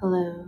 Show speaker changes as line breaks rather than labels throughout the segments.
Hello.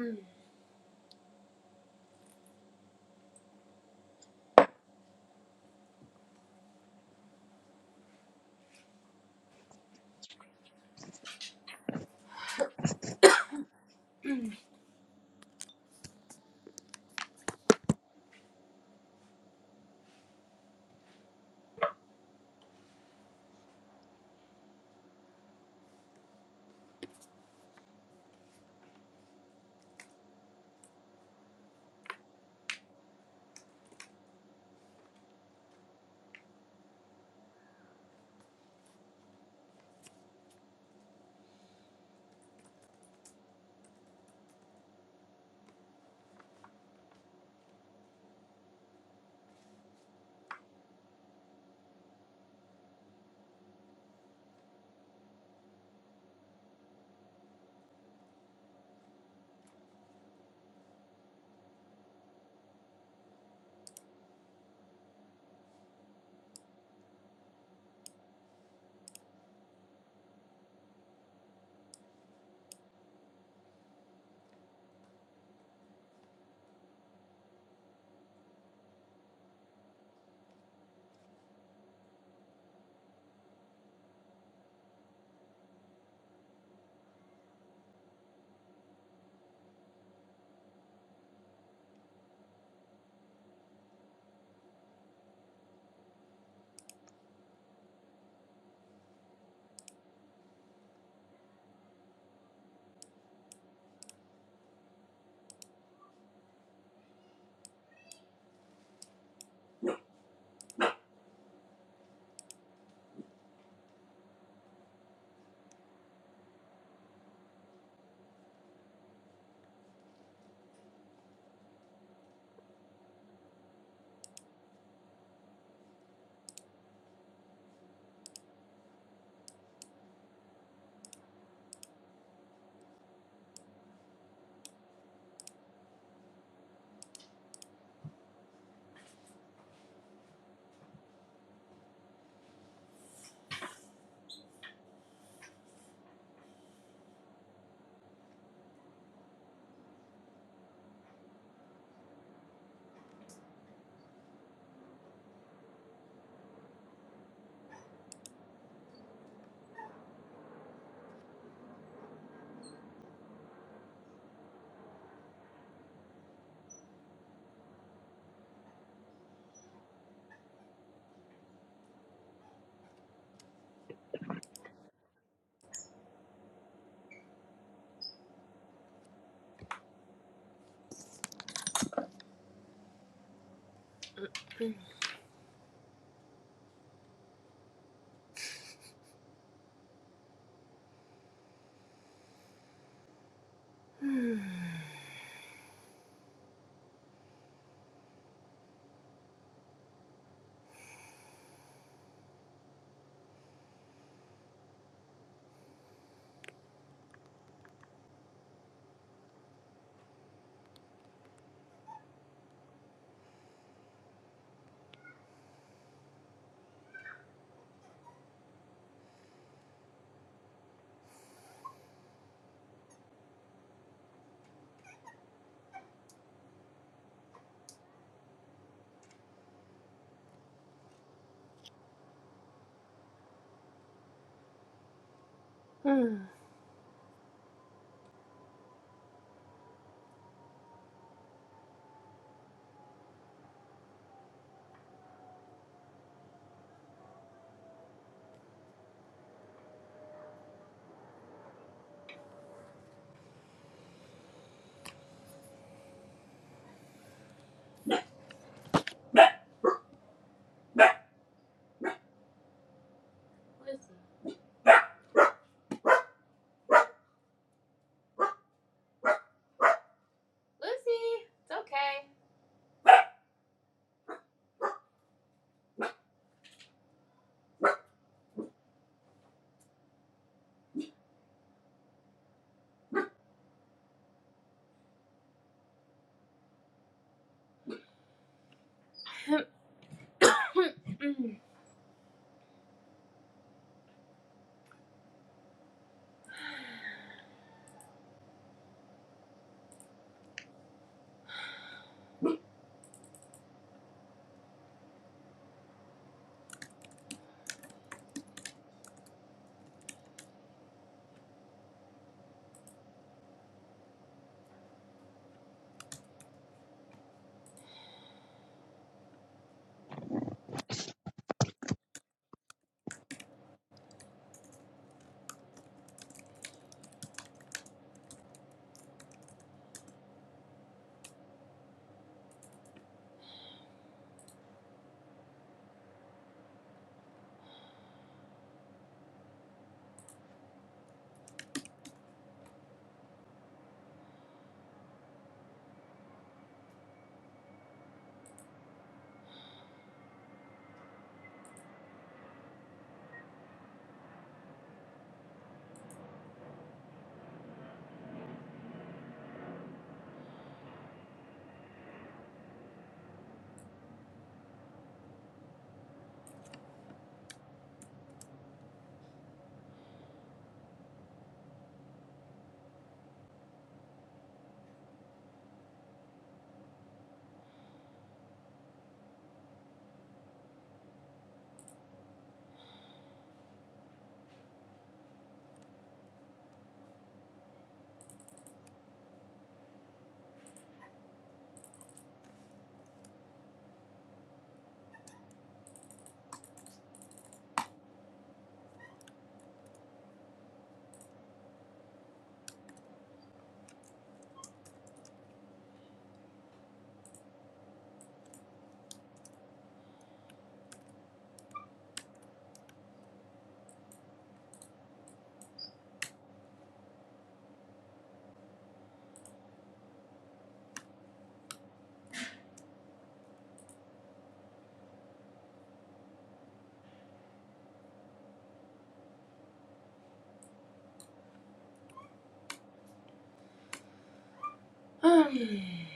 Mm. Mm. Lucy. Lucy, it's okay. Mm. Mm.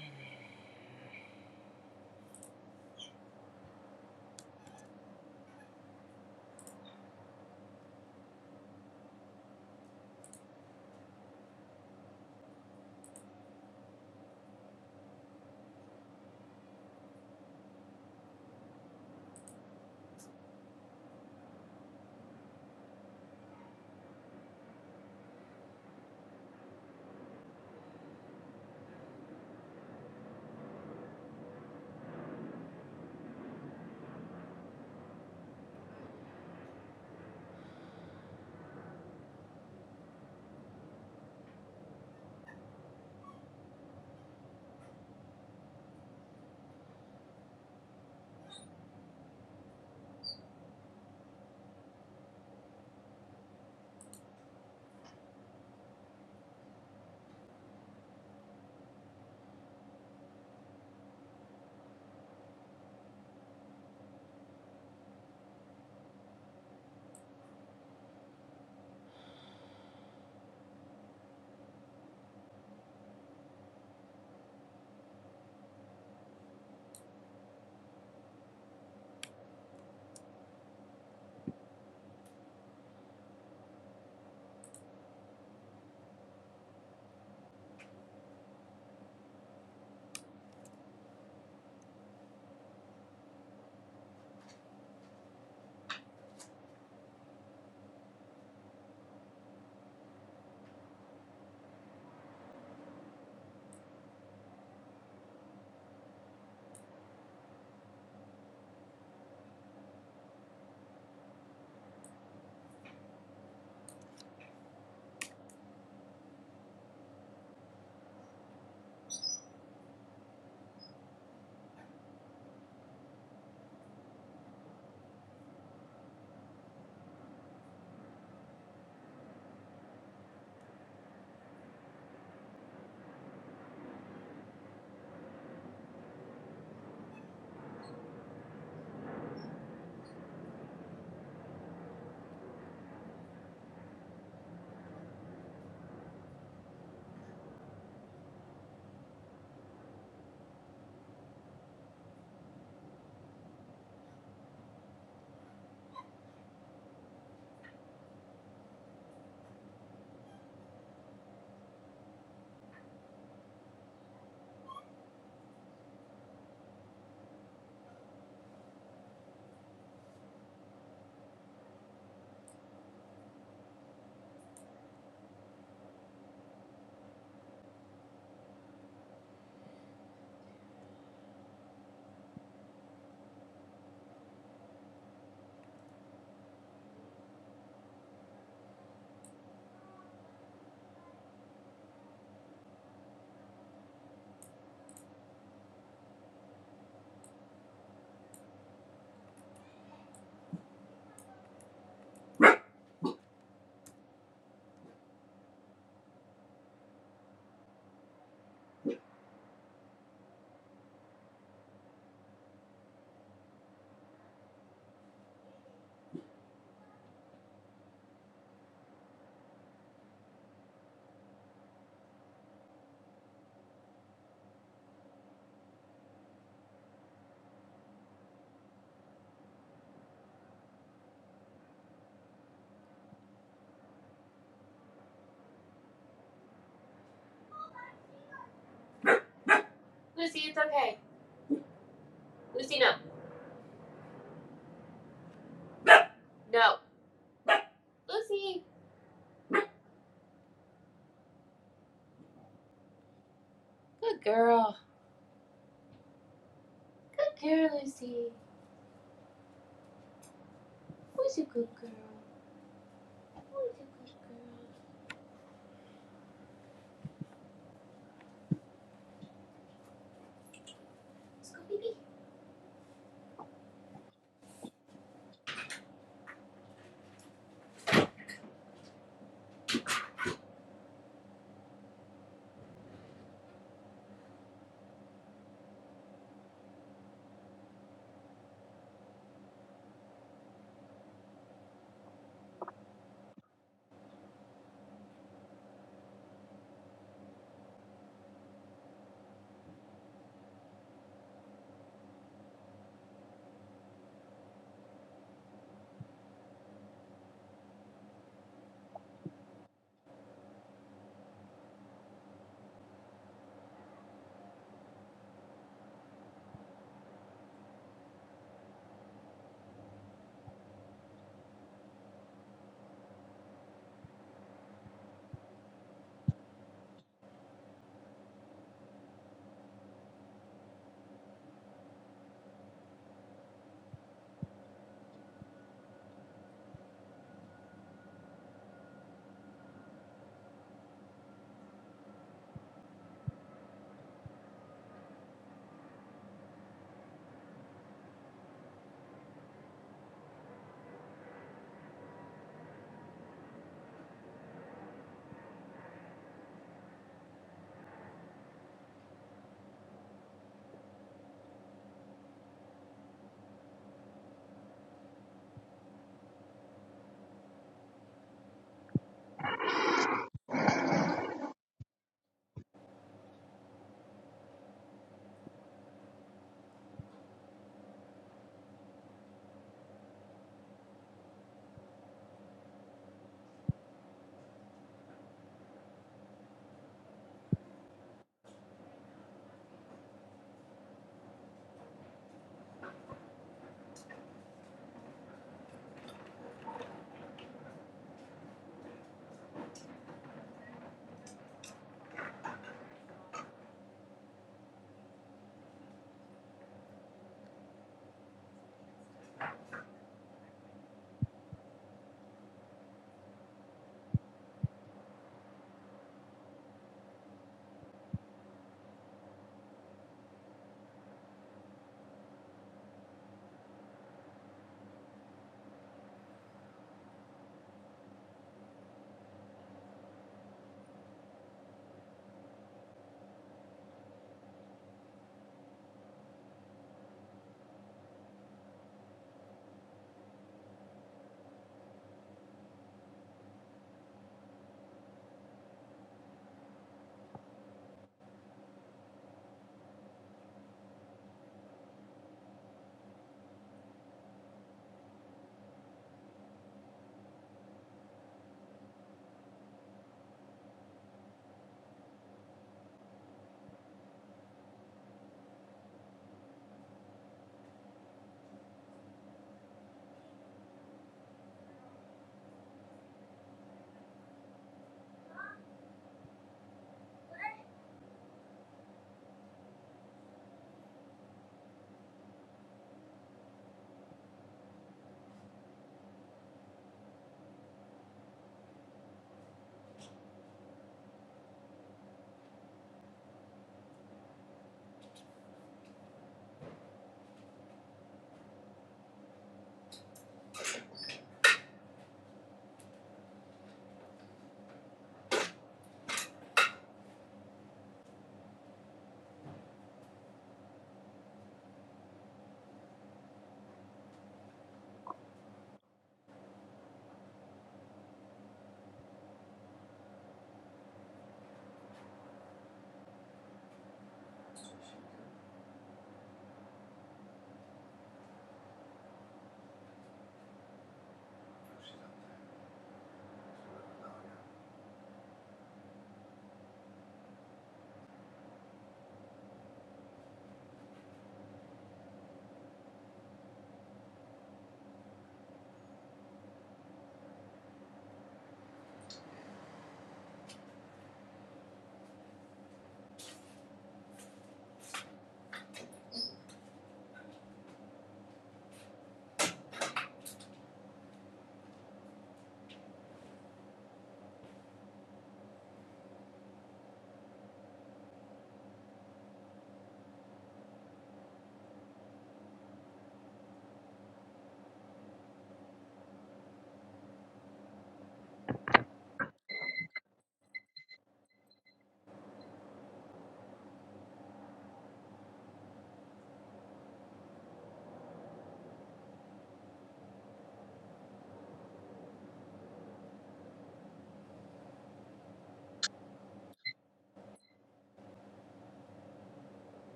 Good girl.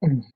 Thank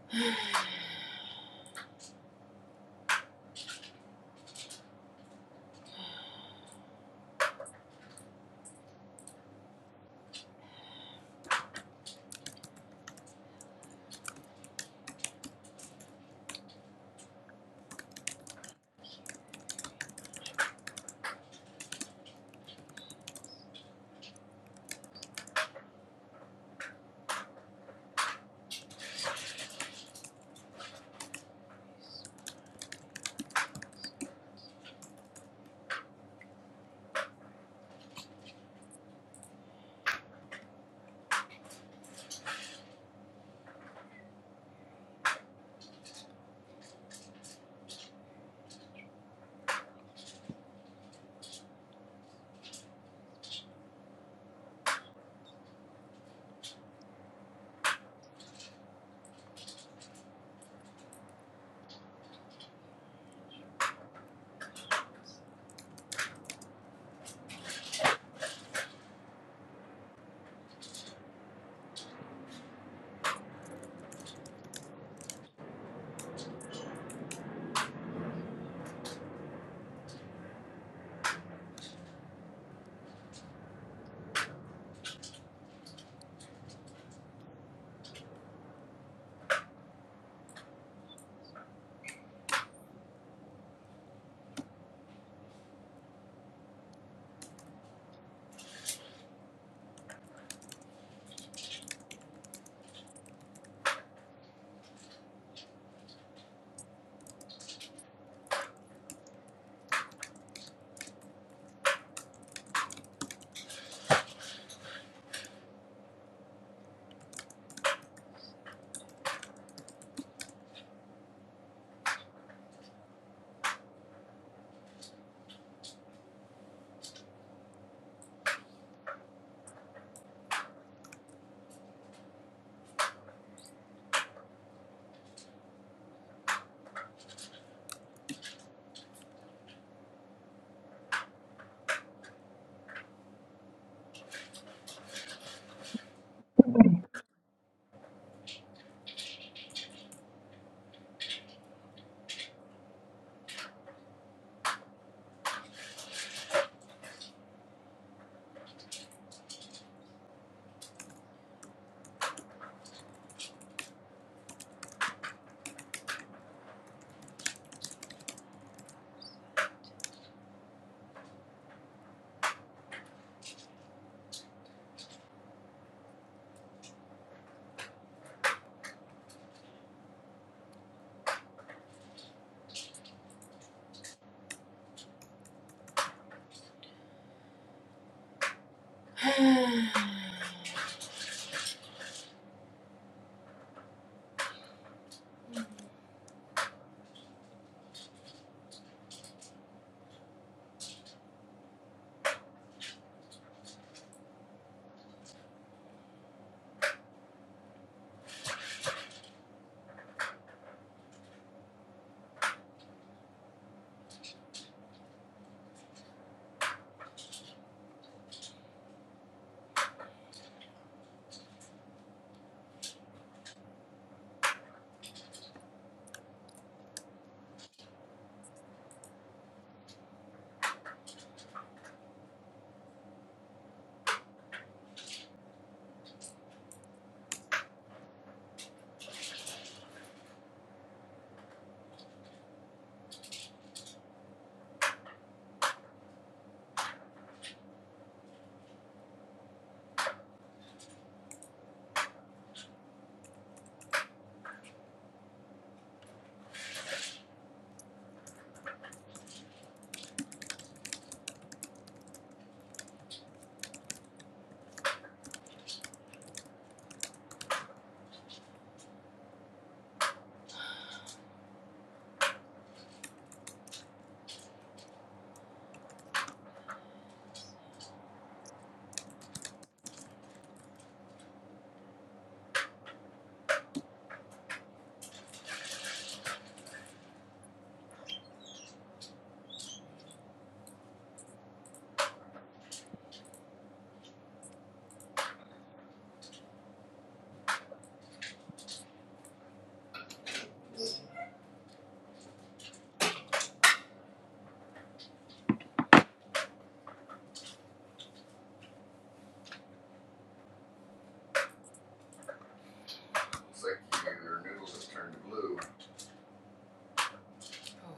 oh,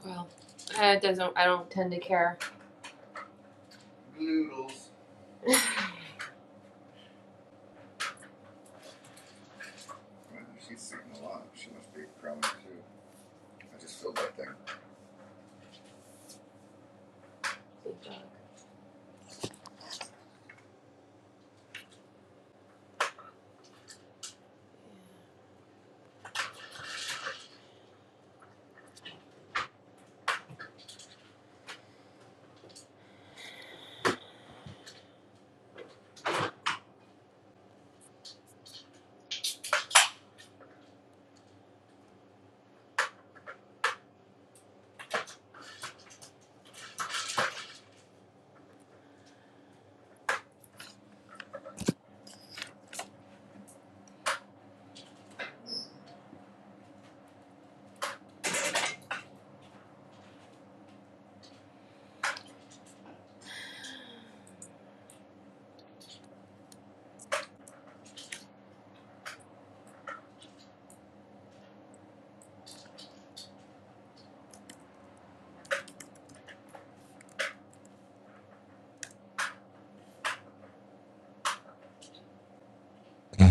well, I doesn't. I don't tend to care.
Yeah.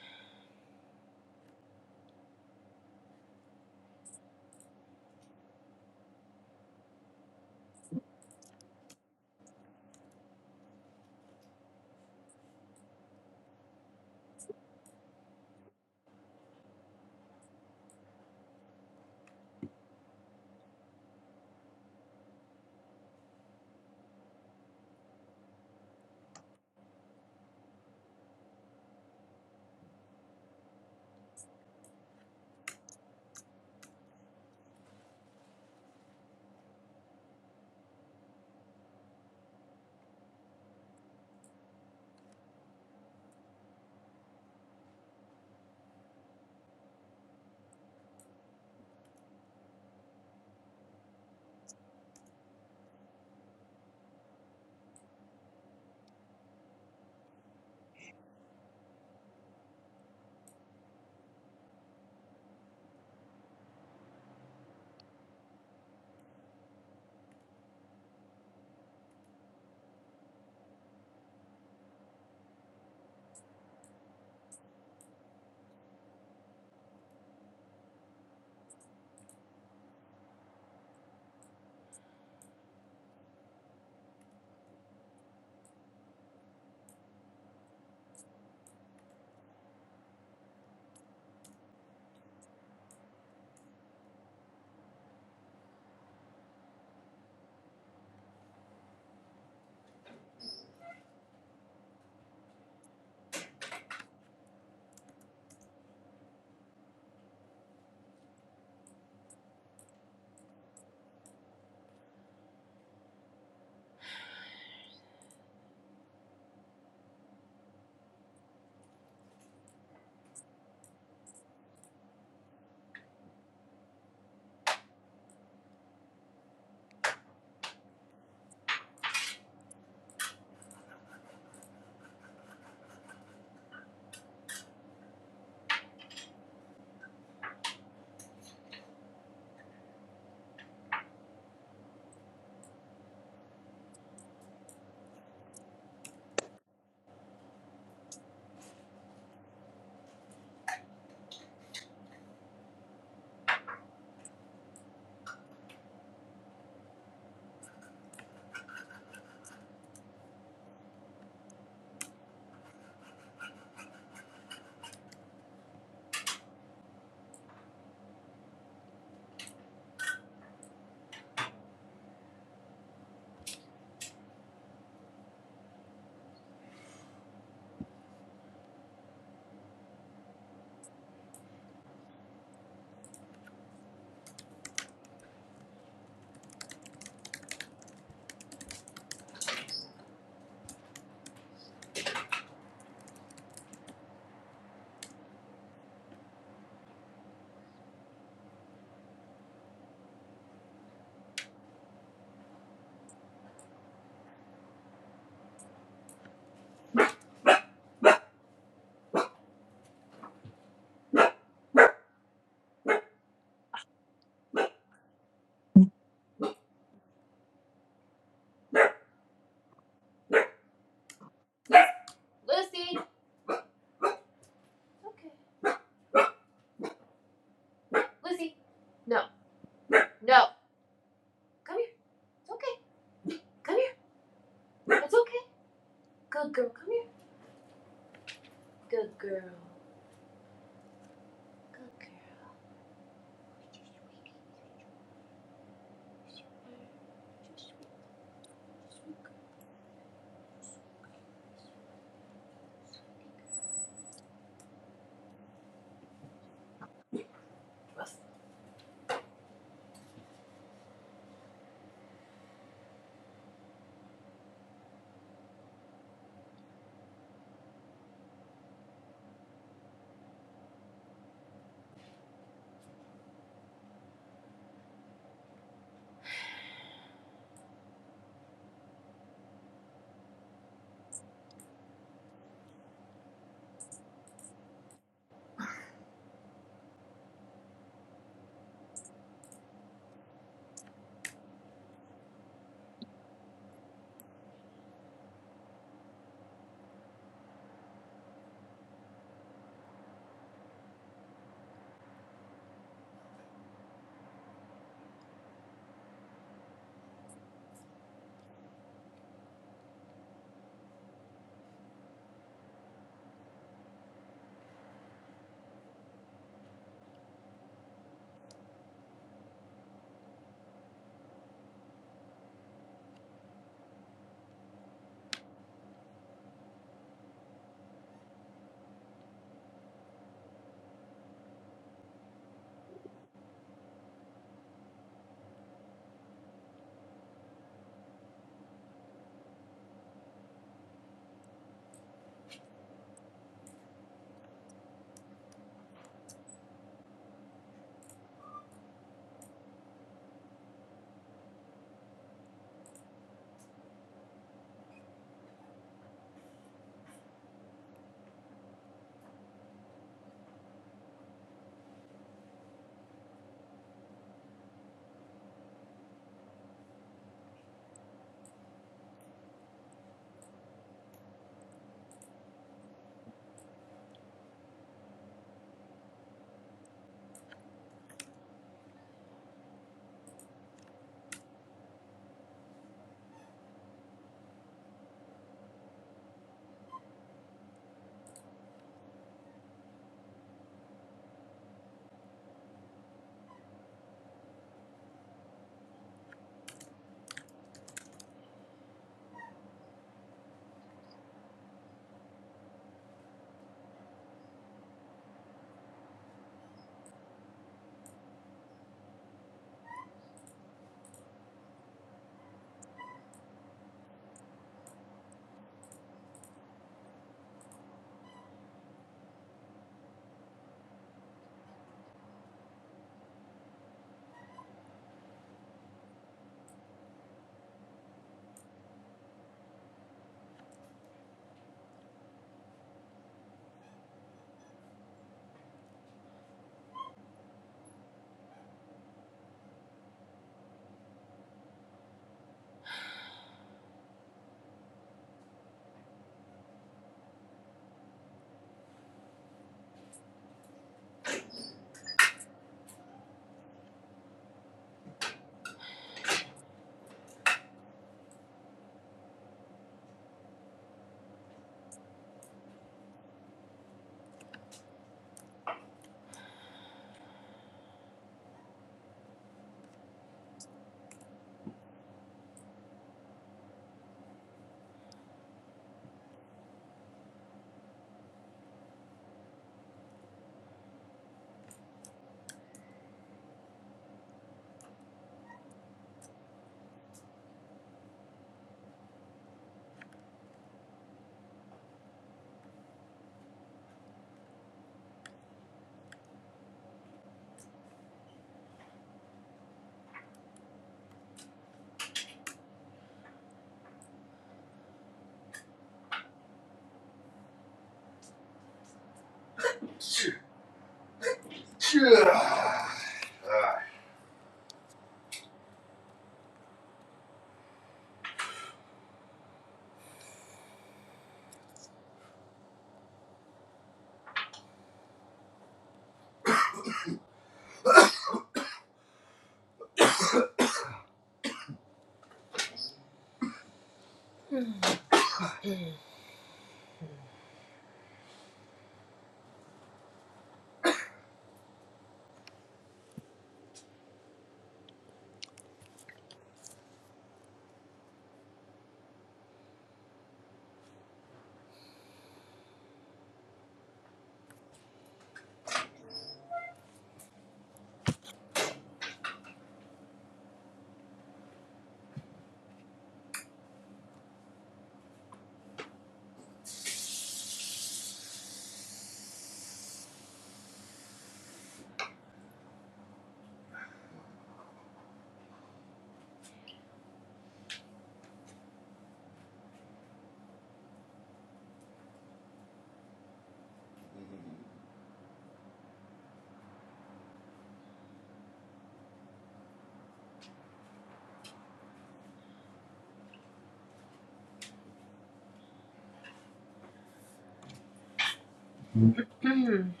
Mm.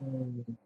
you.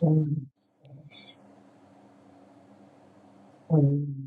Mm, mm.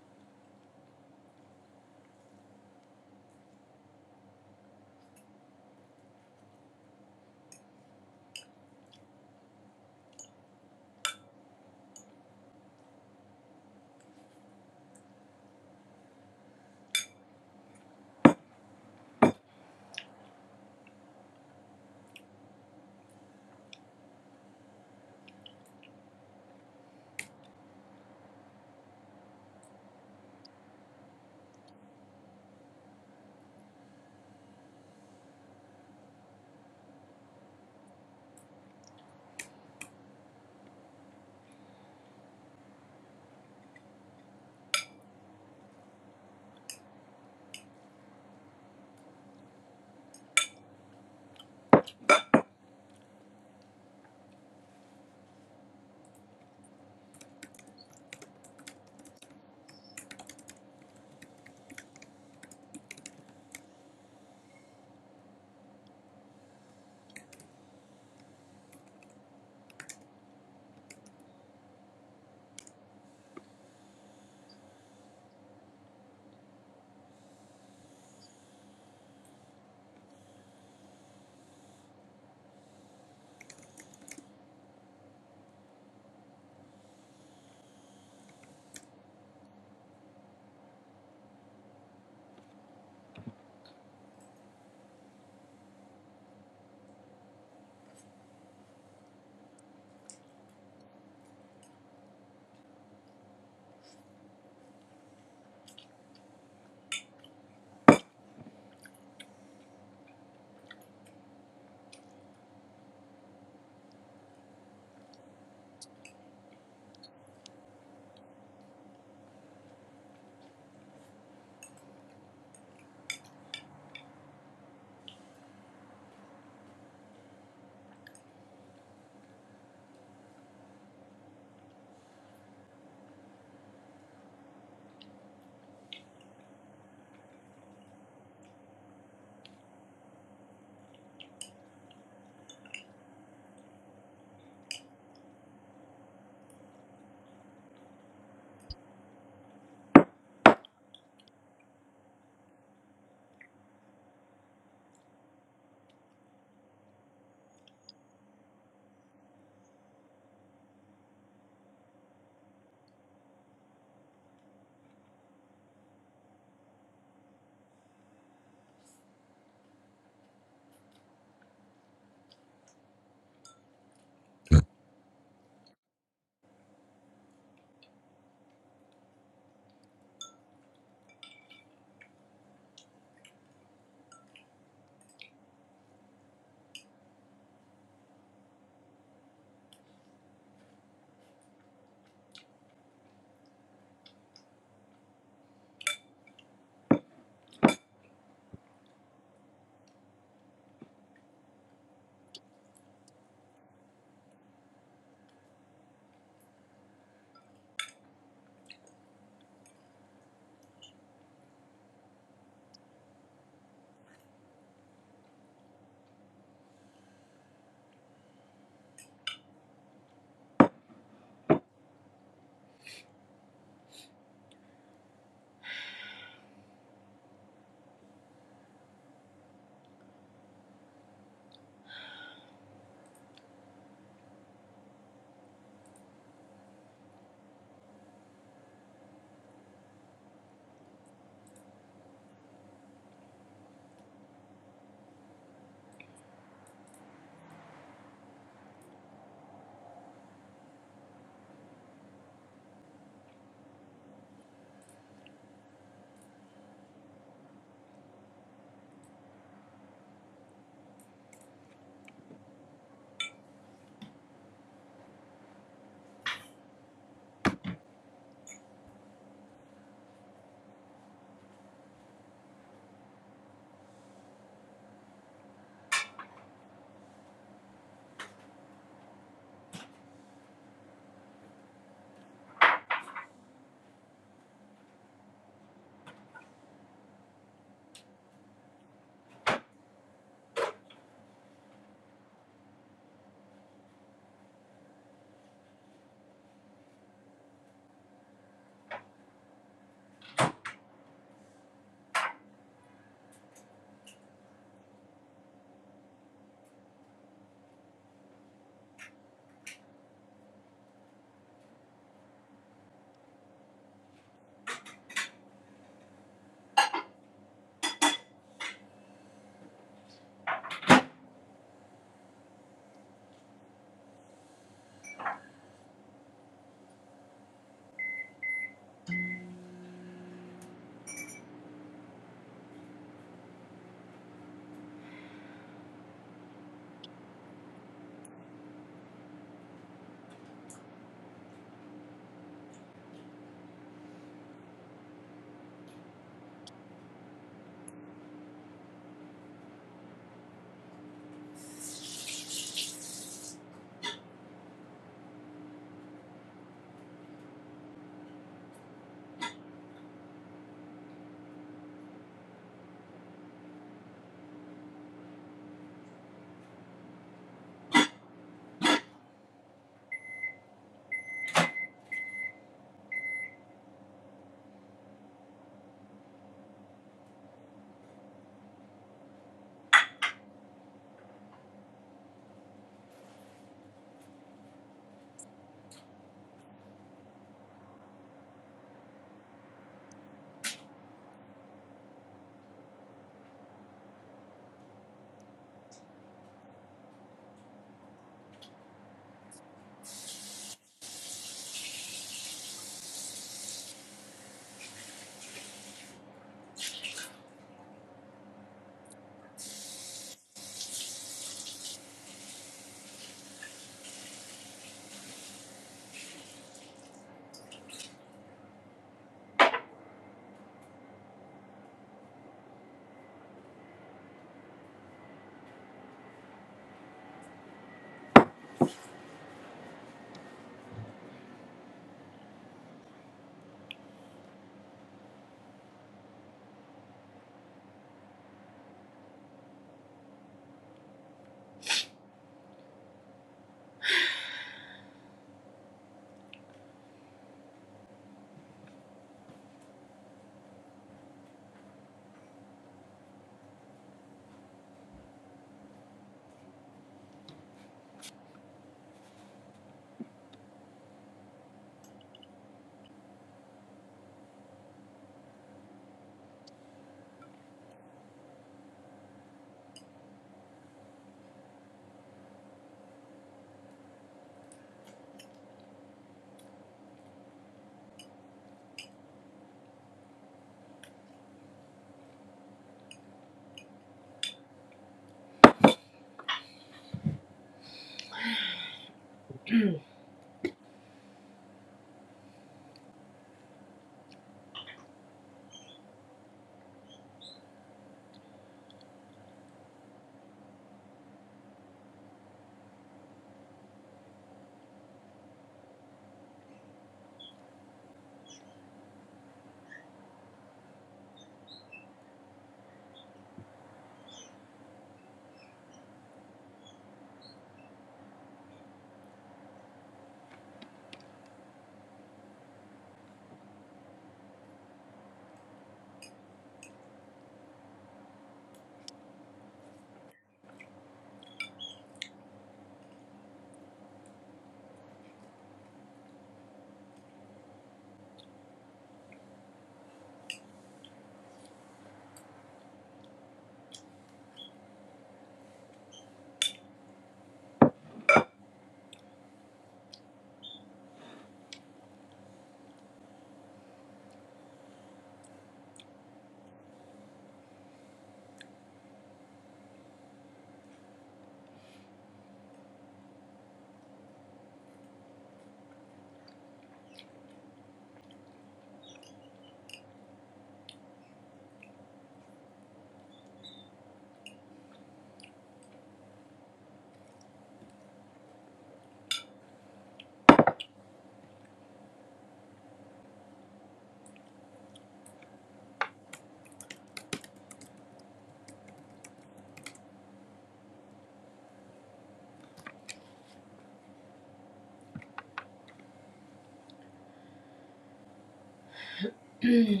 yeah.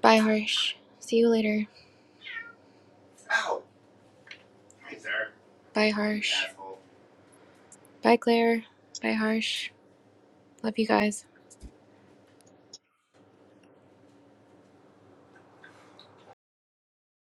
Bye, Harsh. See you later. Bye, Harsh. Bye, Claire. Bye, Harsh. Love you guys.